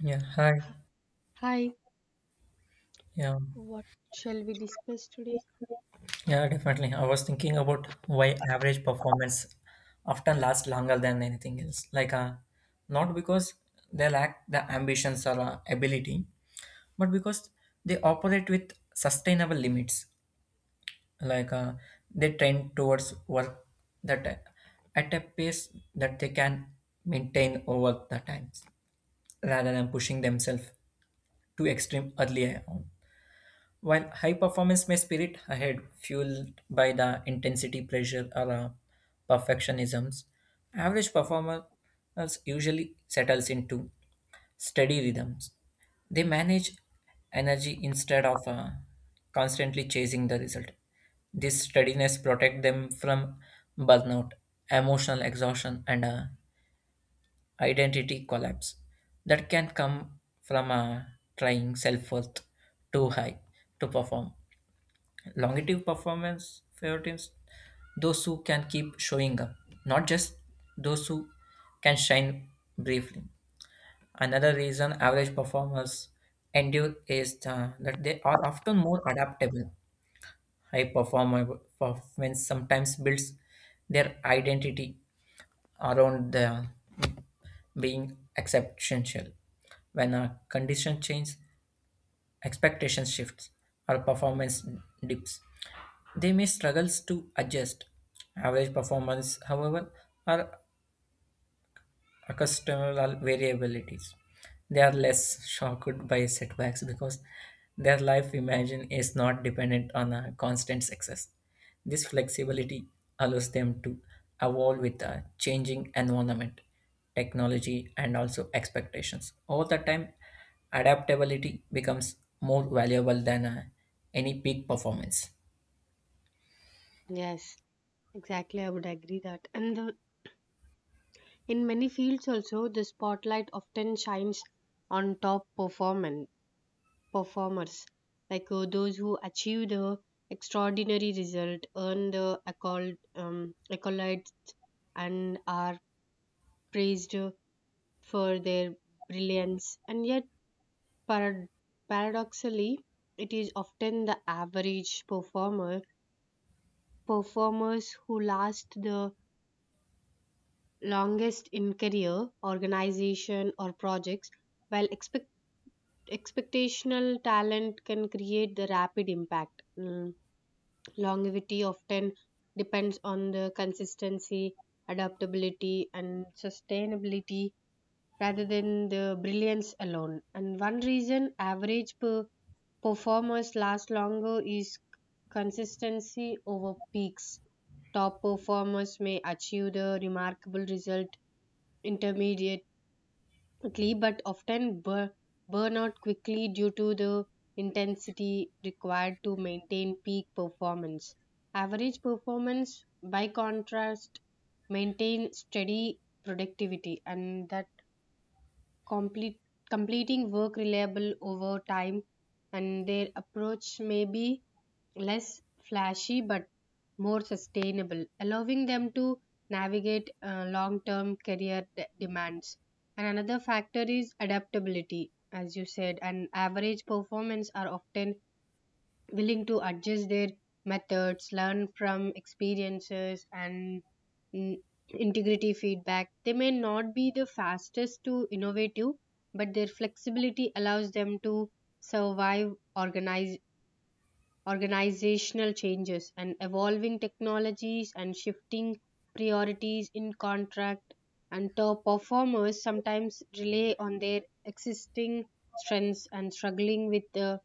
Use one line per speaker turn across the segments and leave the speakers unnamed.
Yeah, hi.
Hi,
Yeah,
what shall we discuss today?
yeah, definitely. I was thinking about why average performance often lasts longer than anything else. Not because they lack the ambitions or ability, but because they operate with sustainable limits. Like, uh, they trend towards work that at a pace that they can maintain over the times, rather than pushing themselves to extreme early on. While high performance may spirit ahead, fueled by the intensity, pressure, or perfectionisms, average performers usually settles into steady rhythms. They manage energy instead of constantly chasing the result. This steadiness protects them from burnout, emotional exhaustion, and identity collapse that can come from trying self worth too high to perform. Longevity performance favorites those who can keep showing up, not just those who can shine briefly. Another reason average performers endure is that they are often more adaptable. High performer performance sometimes builds their identity around the being exceptional. When a condition changes, expectation shifts, or performance dips. They may struggle to adjust. Average performance, however, are accustomal variabilities. They are less shocked by setbacks because their life imagine is not dependent on a constant success. This flexibility allows them to evolve with a changing environment, technology, and also expectations. Over the time, adaptability becomes more valuable than any peak performance.
Yes, exactly. I would agree that. And in many fields also, the spotlight often shines on top performan performers, those who achieve the extraordinary result, earn the accolades, and are praised for their brilliance, and yet parad- paradoxically, it is often the average performers who last the longest in career, organization, or projects, while expectational talent can create the rapid impact. Longevity often depends on the consistency, adaptability, and sustainability rather than the brilliance alone. And one reason average performers last longer is consistency over peaks. Top performers may achieve the remarkable result intermediately but often burn out quickly due to the intensity required to maintain peak performance. Average performance, by contrast, maintain steady productivity and that complete, completing work reliable over time, and their approach may be less flashy but more sustainable, allowing them to navigate long term career demands. And another factor is adaptability, as you said, and average performance are often willing to adjust their methods, learn from experiences, and mm, integrity feedback. They may not be the fastest to innovative, but their flexibility allows them to survive organizational changes and evolving technologies and shifting priorities in contract. And top performers sometimes rely on their existing strengths and struggling with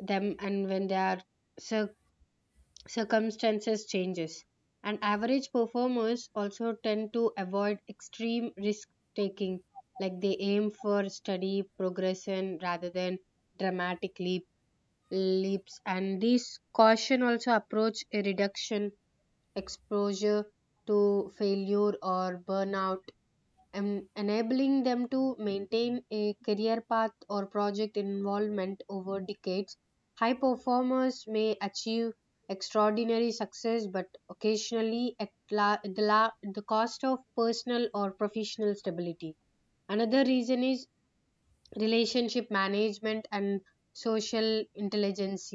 them, and when they are circ- circumstances changes and average performers also tend to avoid extreme risk taking, like they aim for steady progression rather than dramatic leaps, and this caution also approach a reduction exposure to failure or burnout, enabling them to maintain a career path or project involvement over decades. High performers may achieve extraordinary success, but occasionally at, la- at the cost of personal or professional stability. Another reason is relationship management and social intelligence.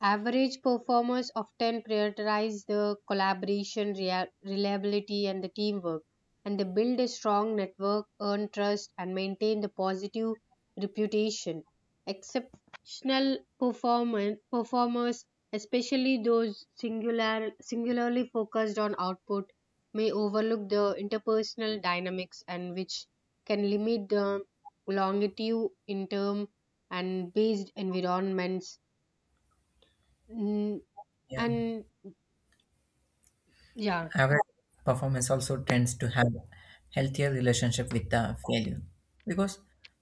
Average performers often prioritize the collaboration, reliability, and the teamwork, and they build a strong network, earn trust, and maintain the positive reputation. Exceptional performers, especially those singularly focused on output, may overlook the interpersonal dynamics, and which can limit the longitude in term and based environments. Mm,
Yeah.
and yeah
Average performance also tends to have healthier relationship with the failure because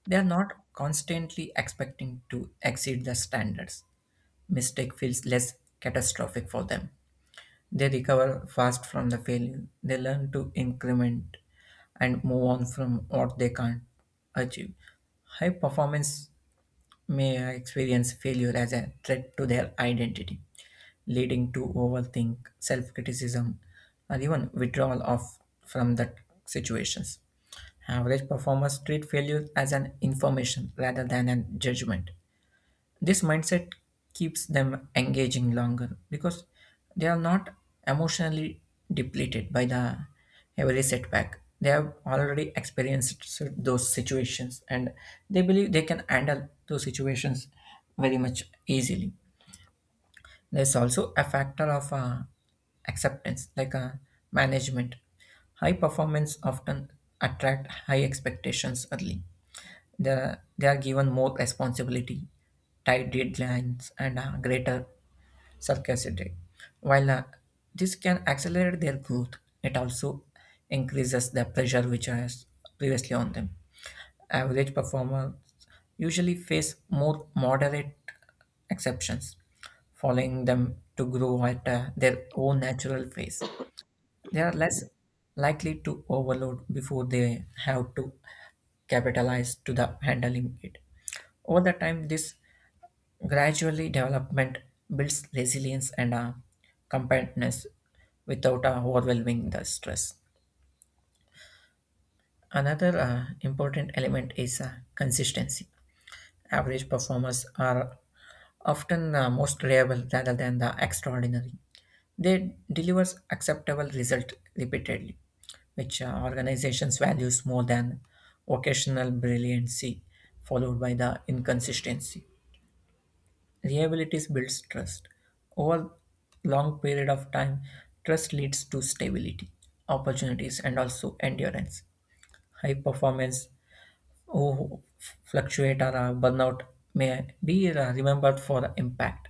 they are not constantly expecting to exceed the standards mistake feels less catastrophic for them. They recover fast from the failure. They learn to increment and move on from what they can't achieve. High performance may experience failure as a threat to their identity, leading to overthink, self criticism, or even withdrawal of, from that situations. Average performers treat failure as an information rather than a judgment. This mindset keeps them engaging longer because they are not emotionally depleted by the every setback. They have already experienced those situations and they believe they can handle those situations very much easily. There's also a factor of acceptance, management. High performance often attract high expectations early. They are given more responsibility, tight deadlines, and greater scarcity. While this can accelerate their growth, it also increases the pressure which was previously on them. Average performers usually face more moderate exceptions following them to grow at their own natural pace. They are less likely to overload before they have to capitalize to the handling it. Over the time, this gradually development builds resilience and compactness without overwhelming the stress. Another important element is consistency. Average performers are often most reliable rather than the extraordinary. They delivers acceptable result repeatedly, which organizations values more than occasional brilliancy, followed by the inconsistency. Reliability builds trust. Over long period of time, trust leads to stability, opportunities, and also endurance. High performance who fluctuate or burnout may be remembered for the impact.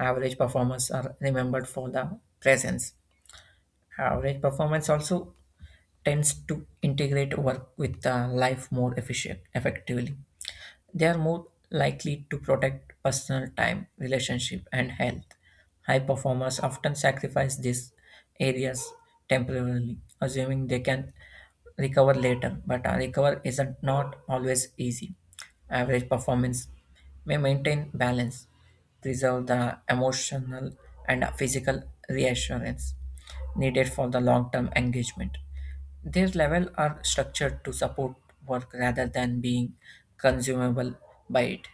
Average performers are remembered for the presence. Average performance also tends to integrate work with life effectively. They are more likely to protect personal time, relationship, and health. High performers often sacrifice these areas temporarily, assuming they can recover later, but a recover isn't not always easy. Average performance may maintain balance, preserve the emotional and physical reassurance needed for the long-term engagement. Their levels are structured to support work rather than being consumable by it.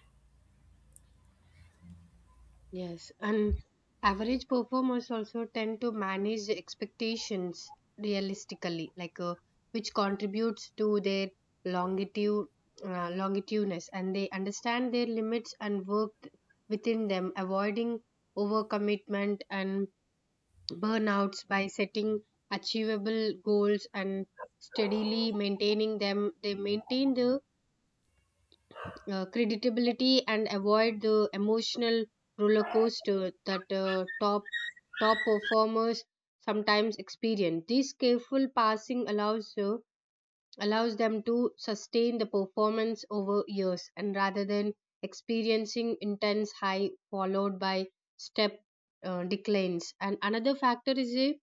yes and average performers also tend to manage the expectations realistically, like which contributes to their longitude, longitudinous, and they understand their limits and work within them, avoiding overcommitment and burnouts by setting achievable goals and steadily maintaining them. They maintain the creditability and avoid the emotional roller coaster that top performers sometimes experience. This careful passing allows them to sustain the performance over years, and rather than experiencing intense high followed by step declines. And another factor is a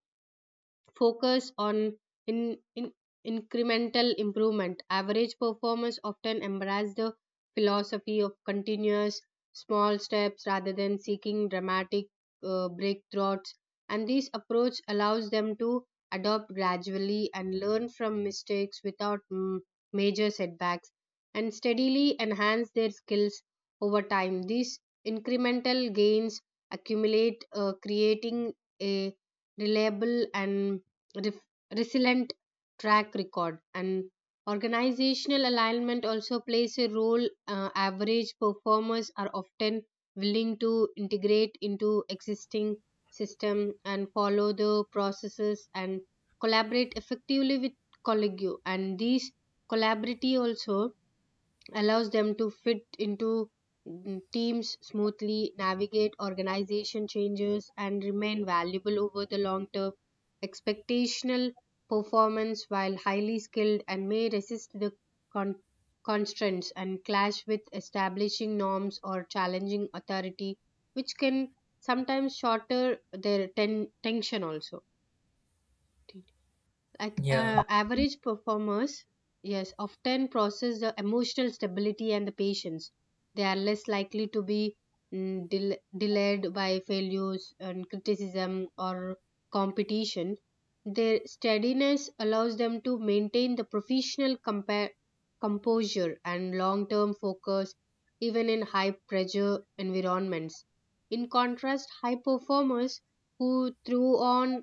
focus on in incremental improvement. Average performers often embrace the philosophy of continuous small steps rather than seeking dramatic breakthroughs, and this approach allows them to adopt gradually and learn from mistakes without major setbacks and steadily enhance their skills over time. These incremental gains accumulate, creating a reliable and ref- resilient track record, and organizational alignment also plays a role. Average performers are often willing to integrate into existing system and follow the processes and collaborate effectively with colleague, and these collaborative also allows them to fit into teams smoothly, navigate organization changes, and remain valuable over the long term. Expectational performance, while highly skilled, and may resist the con- constraints and clash with establishing norms or challenging authority, which can sometimes shorter their tension also, like
Yeah,
average performers yes often process the emotional stability and the patience. They are less likely to be mm, del- delayed by failures and criticism or competition. Their steadiness allows them to maintain the professional composure and long term focus even in high pressure environments. In contrast, high performers who throw on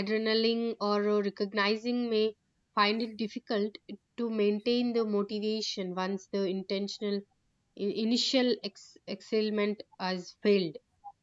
adrenaline or recognizing may find it difficult to maintain the motivation once the intentional initial excitement has failed.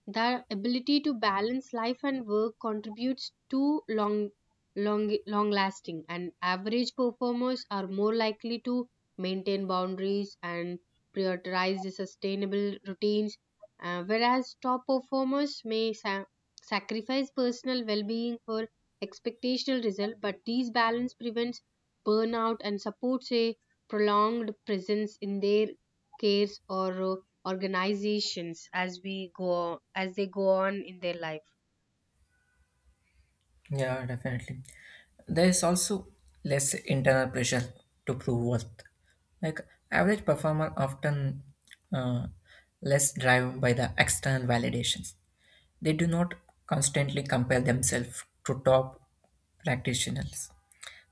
Their ability to balance life and work contributes to long lasting. And average performers are more likely to maintain boundaries and prioritize the sustainable routines, whereas top performers may sacrifice personal well-being for expectational result. But these balance prevents burnout and supports a prolonged presence in their cares or organizations, as they go on in their life.
yeah, definitely. There is also less internal pressure to prove worth. Like average performer often uh, less driven by the external validations. They do not constantly compare themselves to top practitioners.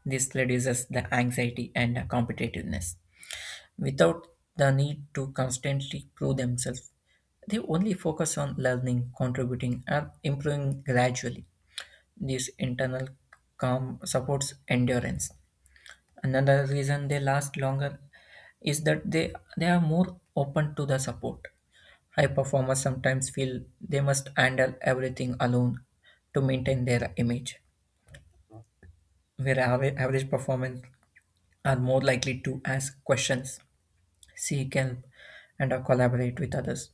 This reduces the anxiety and competitiveness. Without the need to constantly prove themselves, they only focus on learning, contributing, and improving gradually. This internal calm supports endurance. Another reason they last longer is that they are more open to the support. High performers sometimes feel they must handle everything alone to maintain their image, where average performers are more likely to ask questions, seek help, and collaborate with others.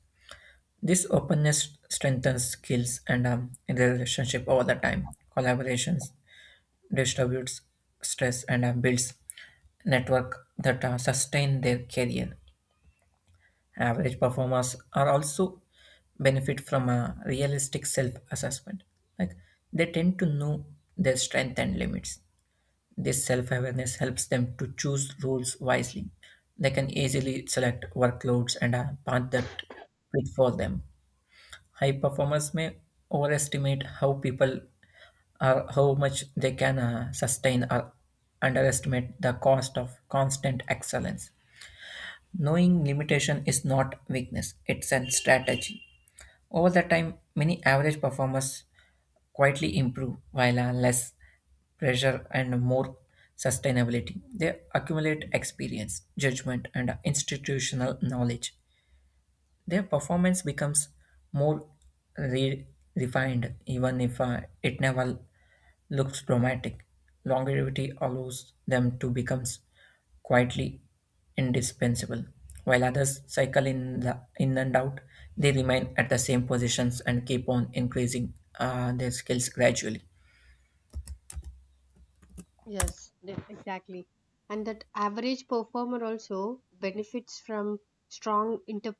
This openness strengthens skills and in the relationship over the time. Collaborations distributes stress and builds network that sustain their career. Average performers are also benefit from a realistic self-assessment. Like they tend to know their strength and limits. This self-awareness helps them to choose roles wisely. They can easily select workloads and a path that fit for them. High performers may overestimate how people or how much they can sustain or underestimate the cost of constant excellence. Knowing limitation is not weakness, it's a strategy. Over the time, many average performers quietly improve while less pressure and more sustainability. They accumulate experience, judgment, and institutional knowledge. Their performance becomes more re- refined, even if it never looks dramatic. Longevity allows them to become quietly indispensable. While others cycle in, in and out, they remain at the same positions and keep on increasing their skills gradually.
Yes, definitely. Exactly. And that average performer also benefits from strong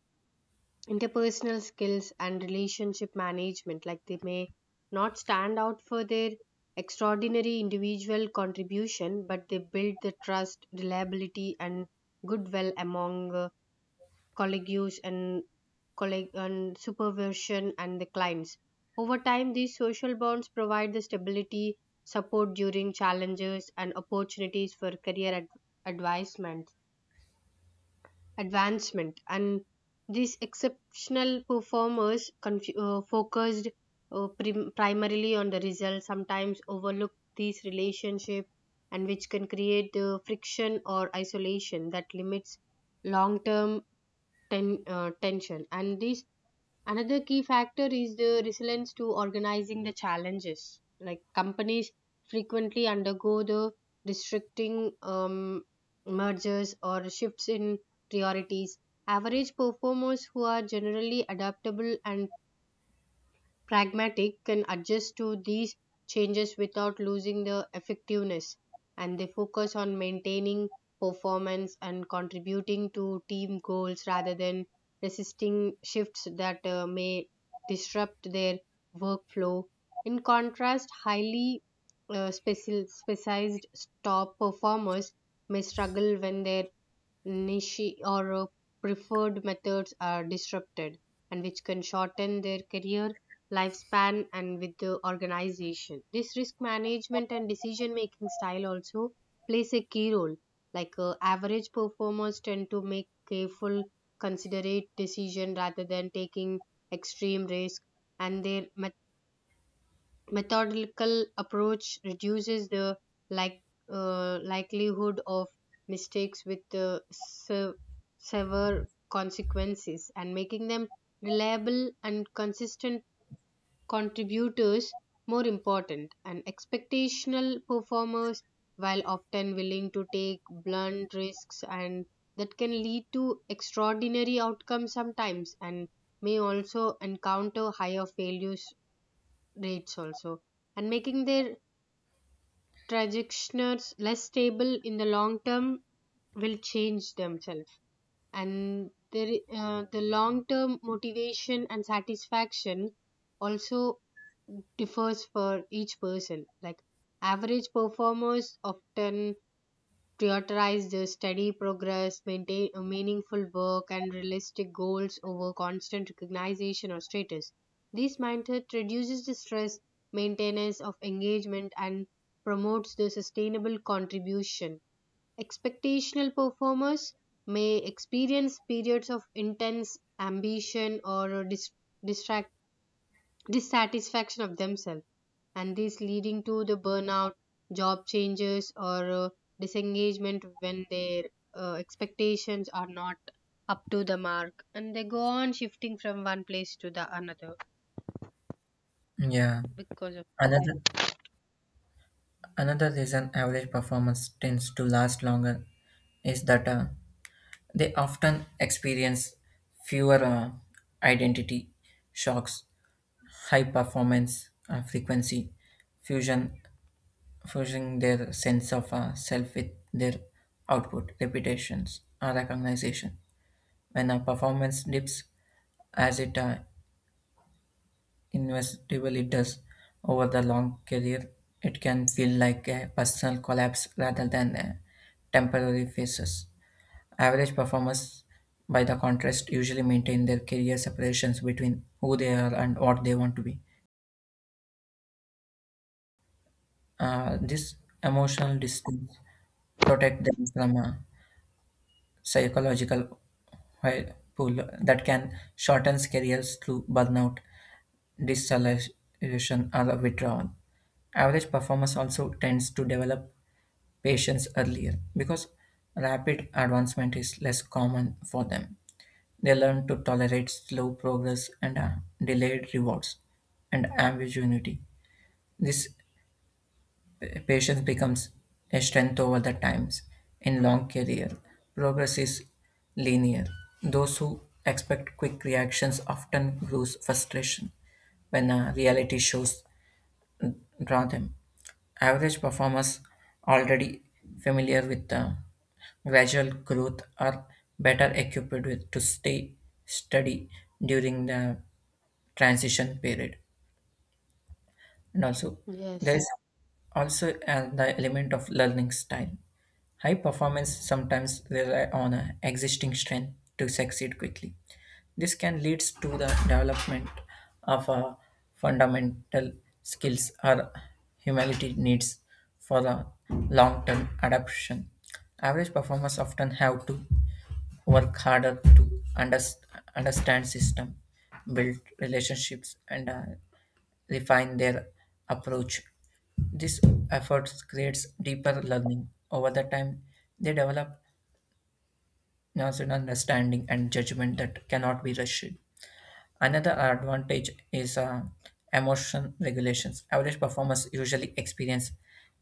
interpersonal skills and relationship management, like they may not stand out for their extraordinary individual contribution, but they build the trust, reliability, and goodwill among colleagues and colleague and supervision and the clients. Over time, these social bonds provide the stability, support during challenges, and opportunities for career advancement. advancement. And these exceptional performers, focused primarily on the results, sometimes overlook these relationships, and which can create friction or isolation that limits long term tension. And this another key factor is the resilience to organizing the challenges, like companies frequently undergo the restricting, mergers, or shifts in priorities. Average performers, who are generally adaptable and pragmatic, can adjust to these changes without losing their effectiveness, and they focus on maintaining performance and contributing to team goals rather than resisting shifts that may disrupt their workflow. In contrast, highly specialized top performers may struggle when their niche or preferred methods are disrupted, and which can shorten their career lifespan and with the organization. This risk management and decision making style also plays a key role, like average performers tend to make careful considerate decision rather than taking extreme risk, and their methodical approach reduces the like likelihood of mistakes with severe consequences, and making them reliable and consistent contributors. More important, and expectational performers, while often willing to take blunt risks, and that can lead to extraordinary outcomes sometimes, and may also encounter higher failures rates also, and making their trajectories less stable in the long term, will change themselves. And there, the long term motivation and satisfaction also differs for each person. Like average performers often prioritize the steady progress, maintain a meaningful work, and realistic goals over constant recognition or status. This mindset reduces the stress, maintenance of engagement, and promotes the sustainable contribution. Expectational performers may experience periods of intense ambition or distraction, dissatisfaction of themselves, and this leading to the burnout, job changes, or disengagement, when their expectations are not up to the mark, and they go on shifting from one place to the another
Yeah.
because of it.
Another another reason average performance tends to last longer is that they often experience fewer identity shocks, high performance fusion, fusing their sense of self with their output, reputations, or recognition. When a performance dips, as it inevitably does over the long career, it can feel like a personal collapse rather than a temporary phases. Average performers, by the contrast, usually maintain their career separations between who they are and what they want to be. This emotional distance protect them from psychological whirlpool that can shorten careers through burnout, disillusion, or withdrawal. Average performance also tends to develop patience earlier because rapid advancement is less common for them. They learn to tolerate slow progress and delayed rewards and ambiguity. This patience becomes a strength over the times. In long career, progress is linear. Those who expect quick reactions often lose frustration when reality shows draw them. Average performers already familiar with gradual growth are better equipped with, to stay steady during the transition period. And also, there is
Yes,
also the element of learning style. High performance sometimes rely on a existing strength to succeed quickly. This can lead to the development of fundamental skills or humility needs for the long-term adaptation. Average performers often have to work harder to understand system, build relationships, and refine their approach. This effort creates deeper learning. Over the time, they develop nuanced understanding and judgment that cannot be rushed. Another advantage is emotion regulations. Average performers usually experience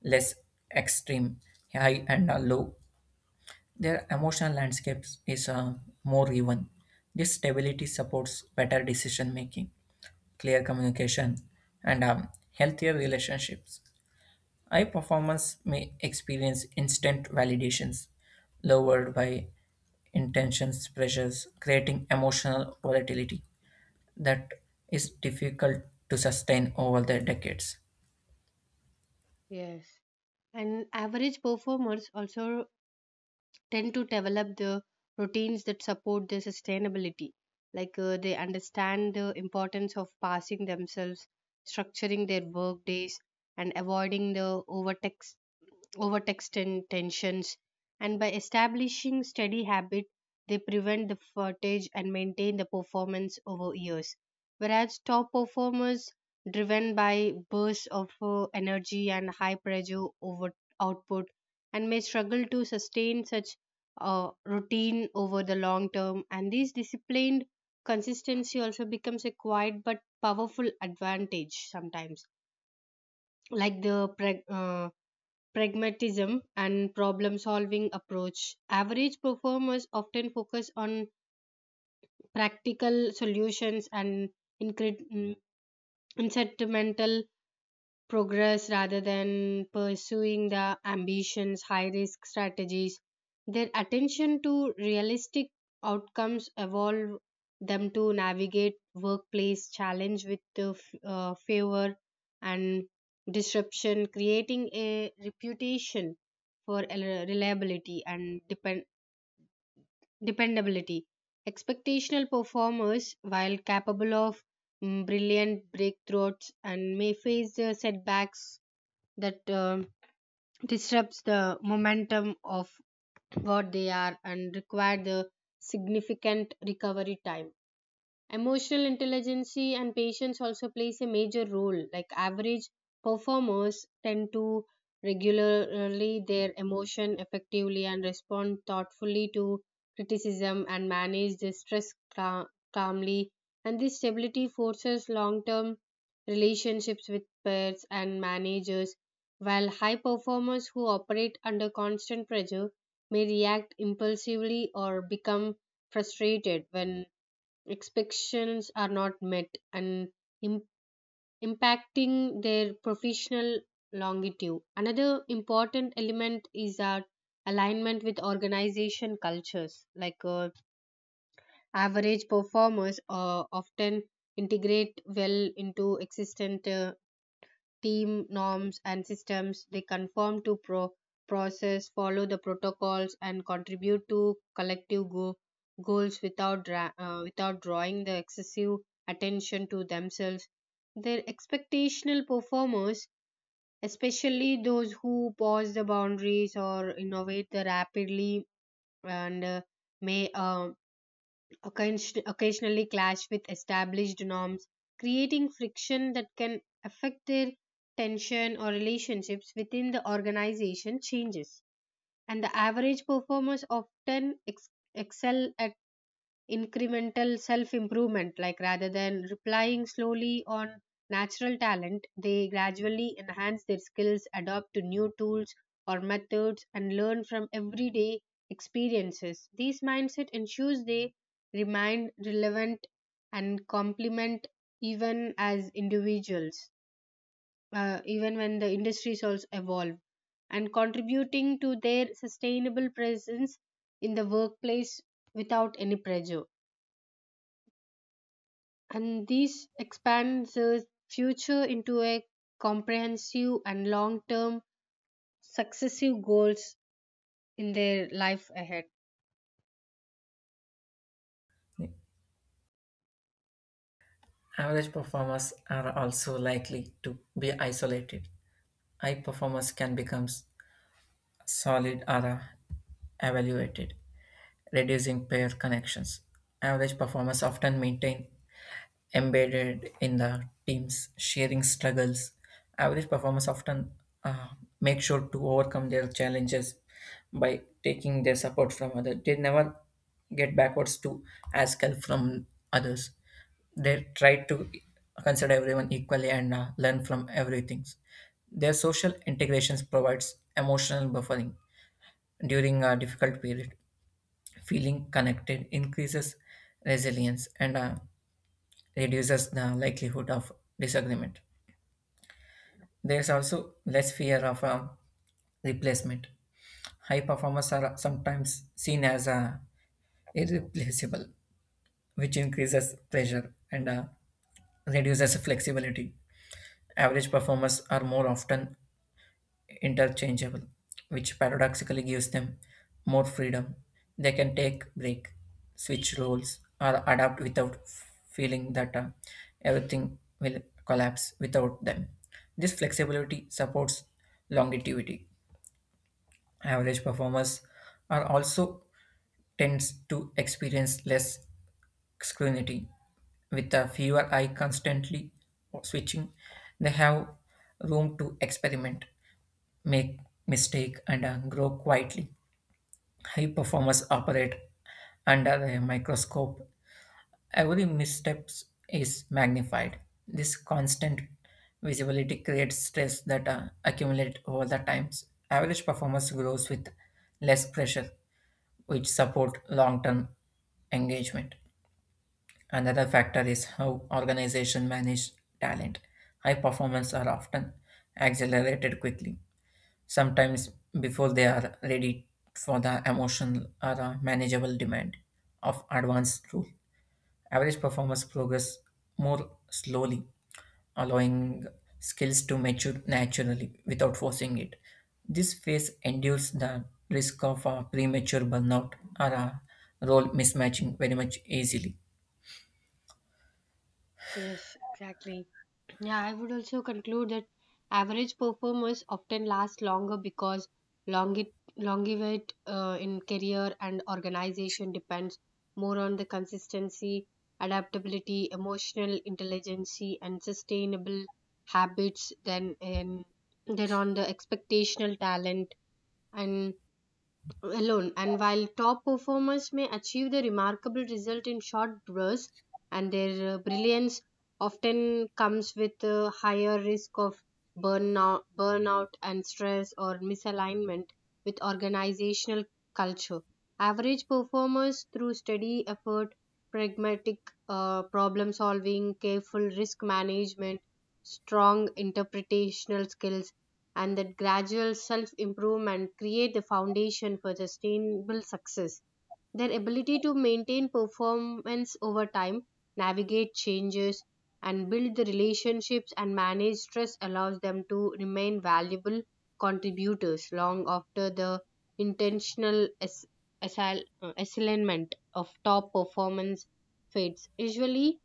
less extreme, high and low. Their emotional landscape is more even. This stability supports better decision making, clear communication, and healthier relationships. High performance may experience instant validations lowered by intentions pressures, creating emotional volatility that is difficult to sustain over the decades.
yes, and average performers also tend to develop the routines that support their sustainability, like they understand the importance of passing themselves, structuring their work days, and avoiding the overtax overtext and tensions. And by establishing steady habit, they prevent the fatigue and maintain the performance over years, whereas top performers driven by bursts of energy and high pressure over output, and may struggle to sustain such routine over the long term. And this disciplined consistency also becomes a quiet but powerful advantage sometimes, like the pragmatism and problem solving approach. Average performers often focus on practical solutions and incre- mm, incremental progress rather than pursuing the ambitions, high risk strategies. Their attention to realistic outcomes evolve them to navigate workplace challenge with the favor and disruption, creating a reputation for reliability and dependability. Expectational performers, while capable of brilliant breakthroughs, and may face setbacks that disrupts the momentum of what they are and require the significant recovery time. Emotional intelligence and patience also plays a major role. Like average performers tend to regularly their emotion effectively and respond thoughtfully to criticism and manage the stress calmly. And this stability forces long-term relationships with peers and managers, while high performers who operate under constant pressure may react impulsively or become frustrated when expectations are not met, and im- impacting their professional longevity. Another important element is our alignment with organization cultures. Like average performers often integrate well into existent team norms and systems. They conform to process, follow the protocols, and contribute to collective goals without drawing the excessive attention to themselves. Their expectational performers, especially those who pause the boundaries or innovate the rapidly, and may occasionally clash with established norms, creating friction that can affect their tension or relationships within the organization changes. And the average performers often excel at incremental self improvement, like rather than replying slowly on natural talent, they gradually enhance their skills, adopt to new tools or methods, and learn from everyday experiences. These mindset ensures they remain relevant and complement even as individuals, even when the industries also evolve, and contributing to their sustainable presence in the workplace without any pressure. And this expands the future into a comprehensive and long term successive goals in their life ahead.
Average performers are also likely to be isolated. High performers can become solid or evaluated, reducing pair connections. Average performers often maintain embedded in the team's sharing struggles. Average performers often uh, make sure to overcome their challenges by taking their support from others. They never get backwards to ask help from others. They try to consider everyone equally and learn from everything. Their social integrations provides emotional buffering during a difficult period. Feeling connected increases resilience and reduces the likelihood of disagreement. There's also less fear of replacement. High performers are sometimes seen as irreplaceable, which increases pressure and reduces flexibility. Average performers are more often interchangeable, which paradoxically gives them more freedom. They can take break, switch roles, or adapt without feeling that everything will collapse without them. This flexibility supports longevity. Average performers are also tends to experience less scrutiny. With a fewer eye constantly switching, they have room to experiment, make mistake and grow quietly. High performers operate under a microscope. Every misstep is magnified. This constant visibility creates stress that accumulate over the times. Average performance grows with less pressure, which support long-term engagement. Another factor is how organizations manage talent. High performance are often accelerated quickly sometimes before they are ready for the emotional or manageable demand of advanced rule. Average performers progress more slowly, allowing skills to mature naturally without forcing it. This phase endures the risk of premature burnout or role mismatching very much easily.
Yes, exactly. Yeah, I would also conclude that average performers often last longer because longevity, in career and organization, depends more on the consistency, adaptability, emotional intelligence, and sustainable habits than on the expectational talent and alone. And while top performers may achieve the remarkable result in short bursts, and their brilliance often comes with a higher risk of burnout and stress or misalignment with organizational culture, average performers, through steady effort, pragmatic problem solving, careful risk management, strong interpretational skills, and that gradual self improvement, create the foundation for sustainable success. Their ability to maintain performance over time, navigate changes, and build the relationships, and manage stress allows them to remain valuable contributors long after the intentional assignment of top performance fades. Usually,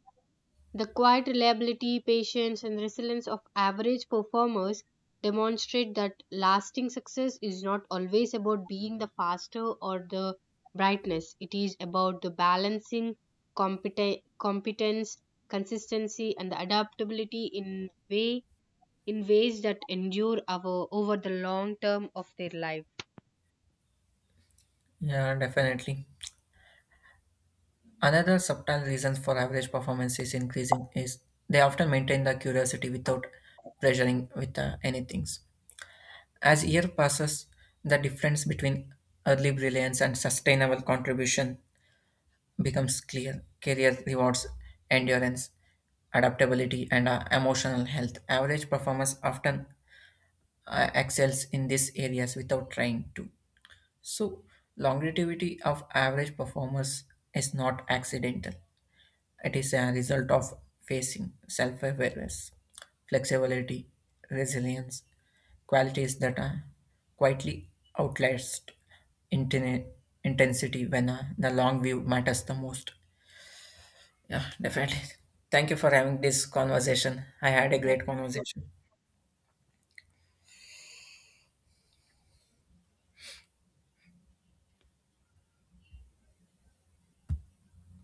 the quiet reliability, patience, and resilience of average performers demonstrate that lasting success is not always about being the faster or the brightness. It is about the balancing competence, consistency, and the adaptability in ways that endure over the long term of their life.
Yeah, definitely. Another subtle reason for average performance is increasing is they often maintain the curiosity without pressuring with anything. As year passes, the difference between early brilliance and sustainable contribution becomes clear. Career rewards endurance, adaptability, and emotional health. Average performers often excels in these areas without trying to. So, longevity of average performers is not accidental. It is a result of facing self awareness, flexibility, resilience, qualities that are quietly outlast inten- intensity when the long view matters the most. Yeah, definitely. Thank you for having this conversation. I had a
Yeah,
great
thank you.
conversation.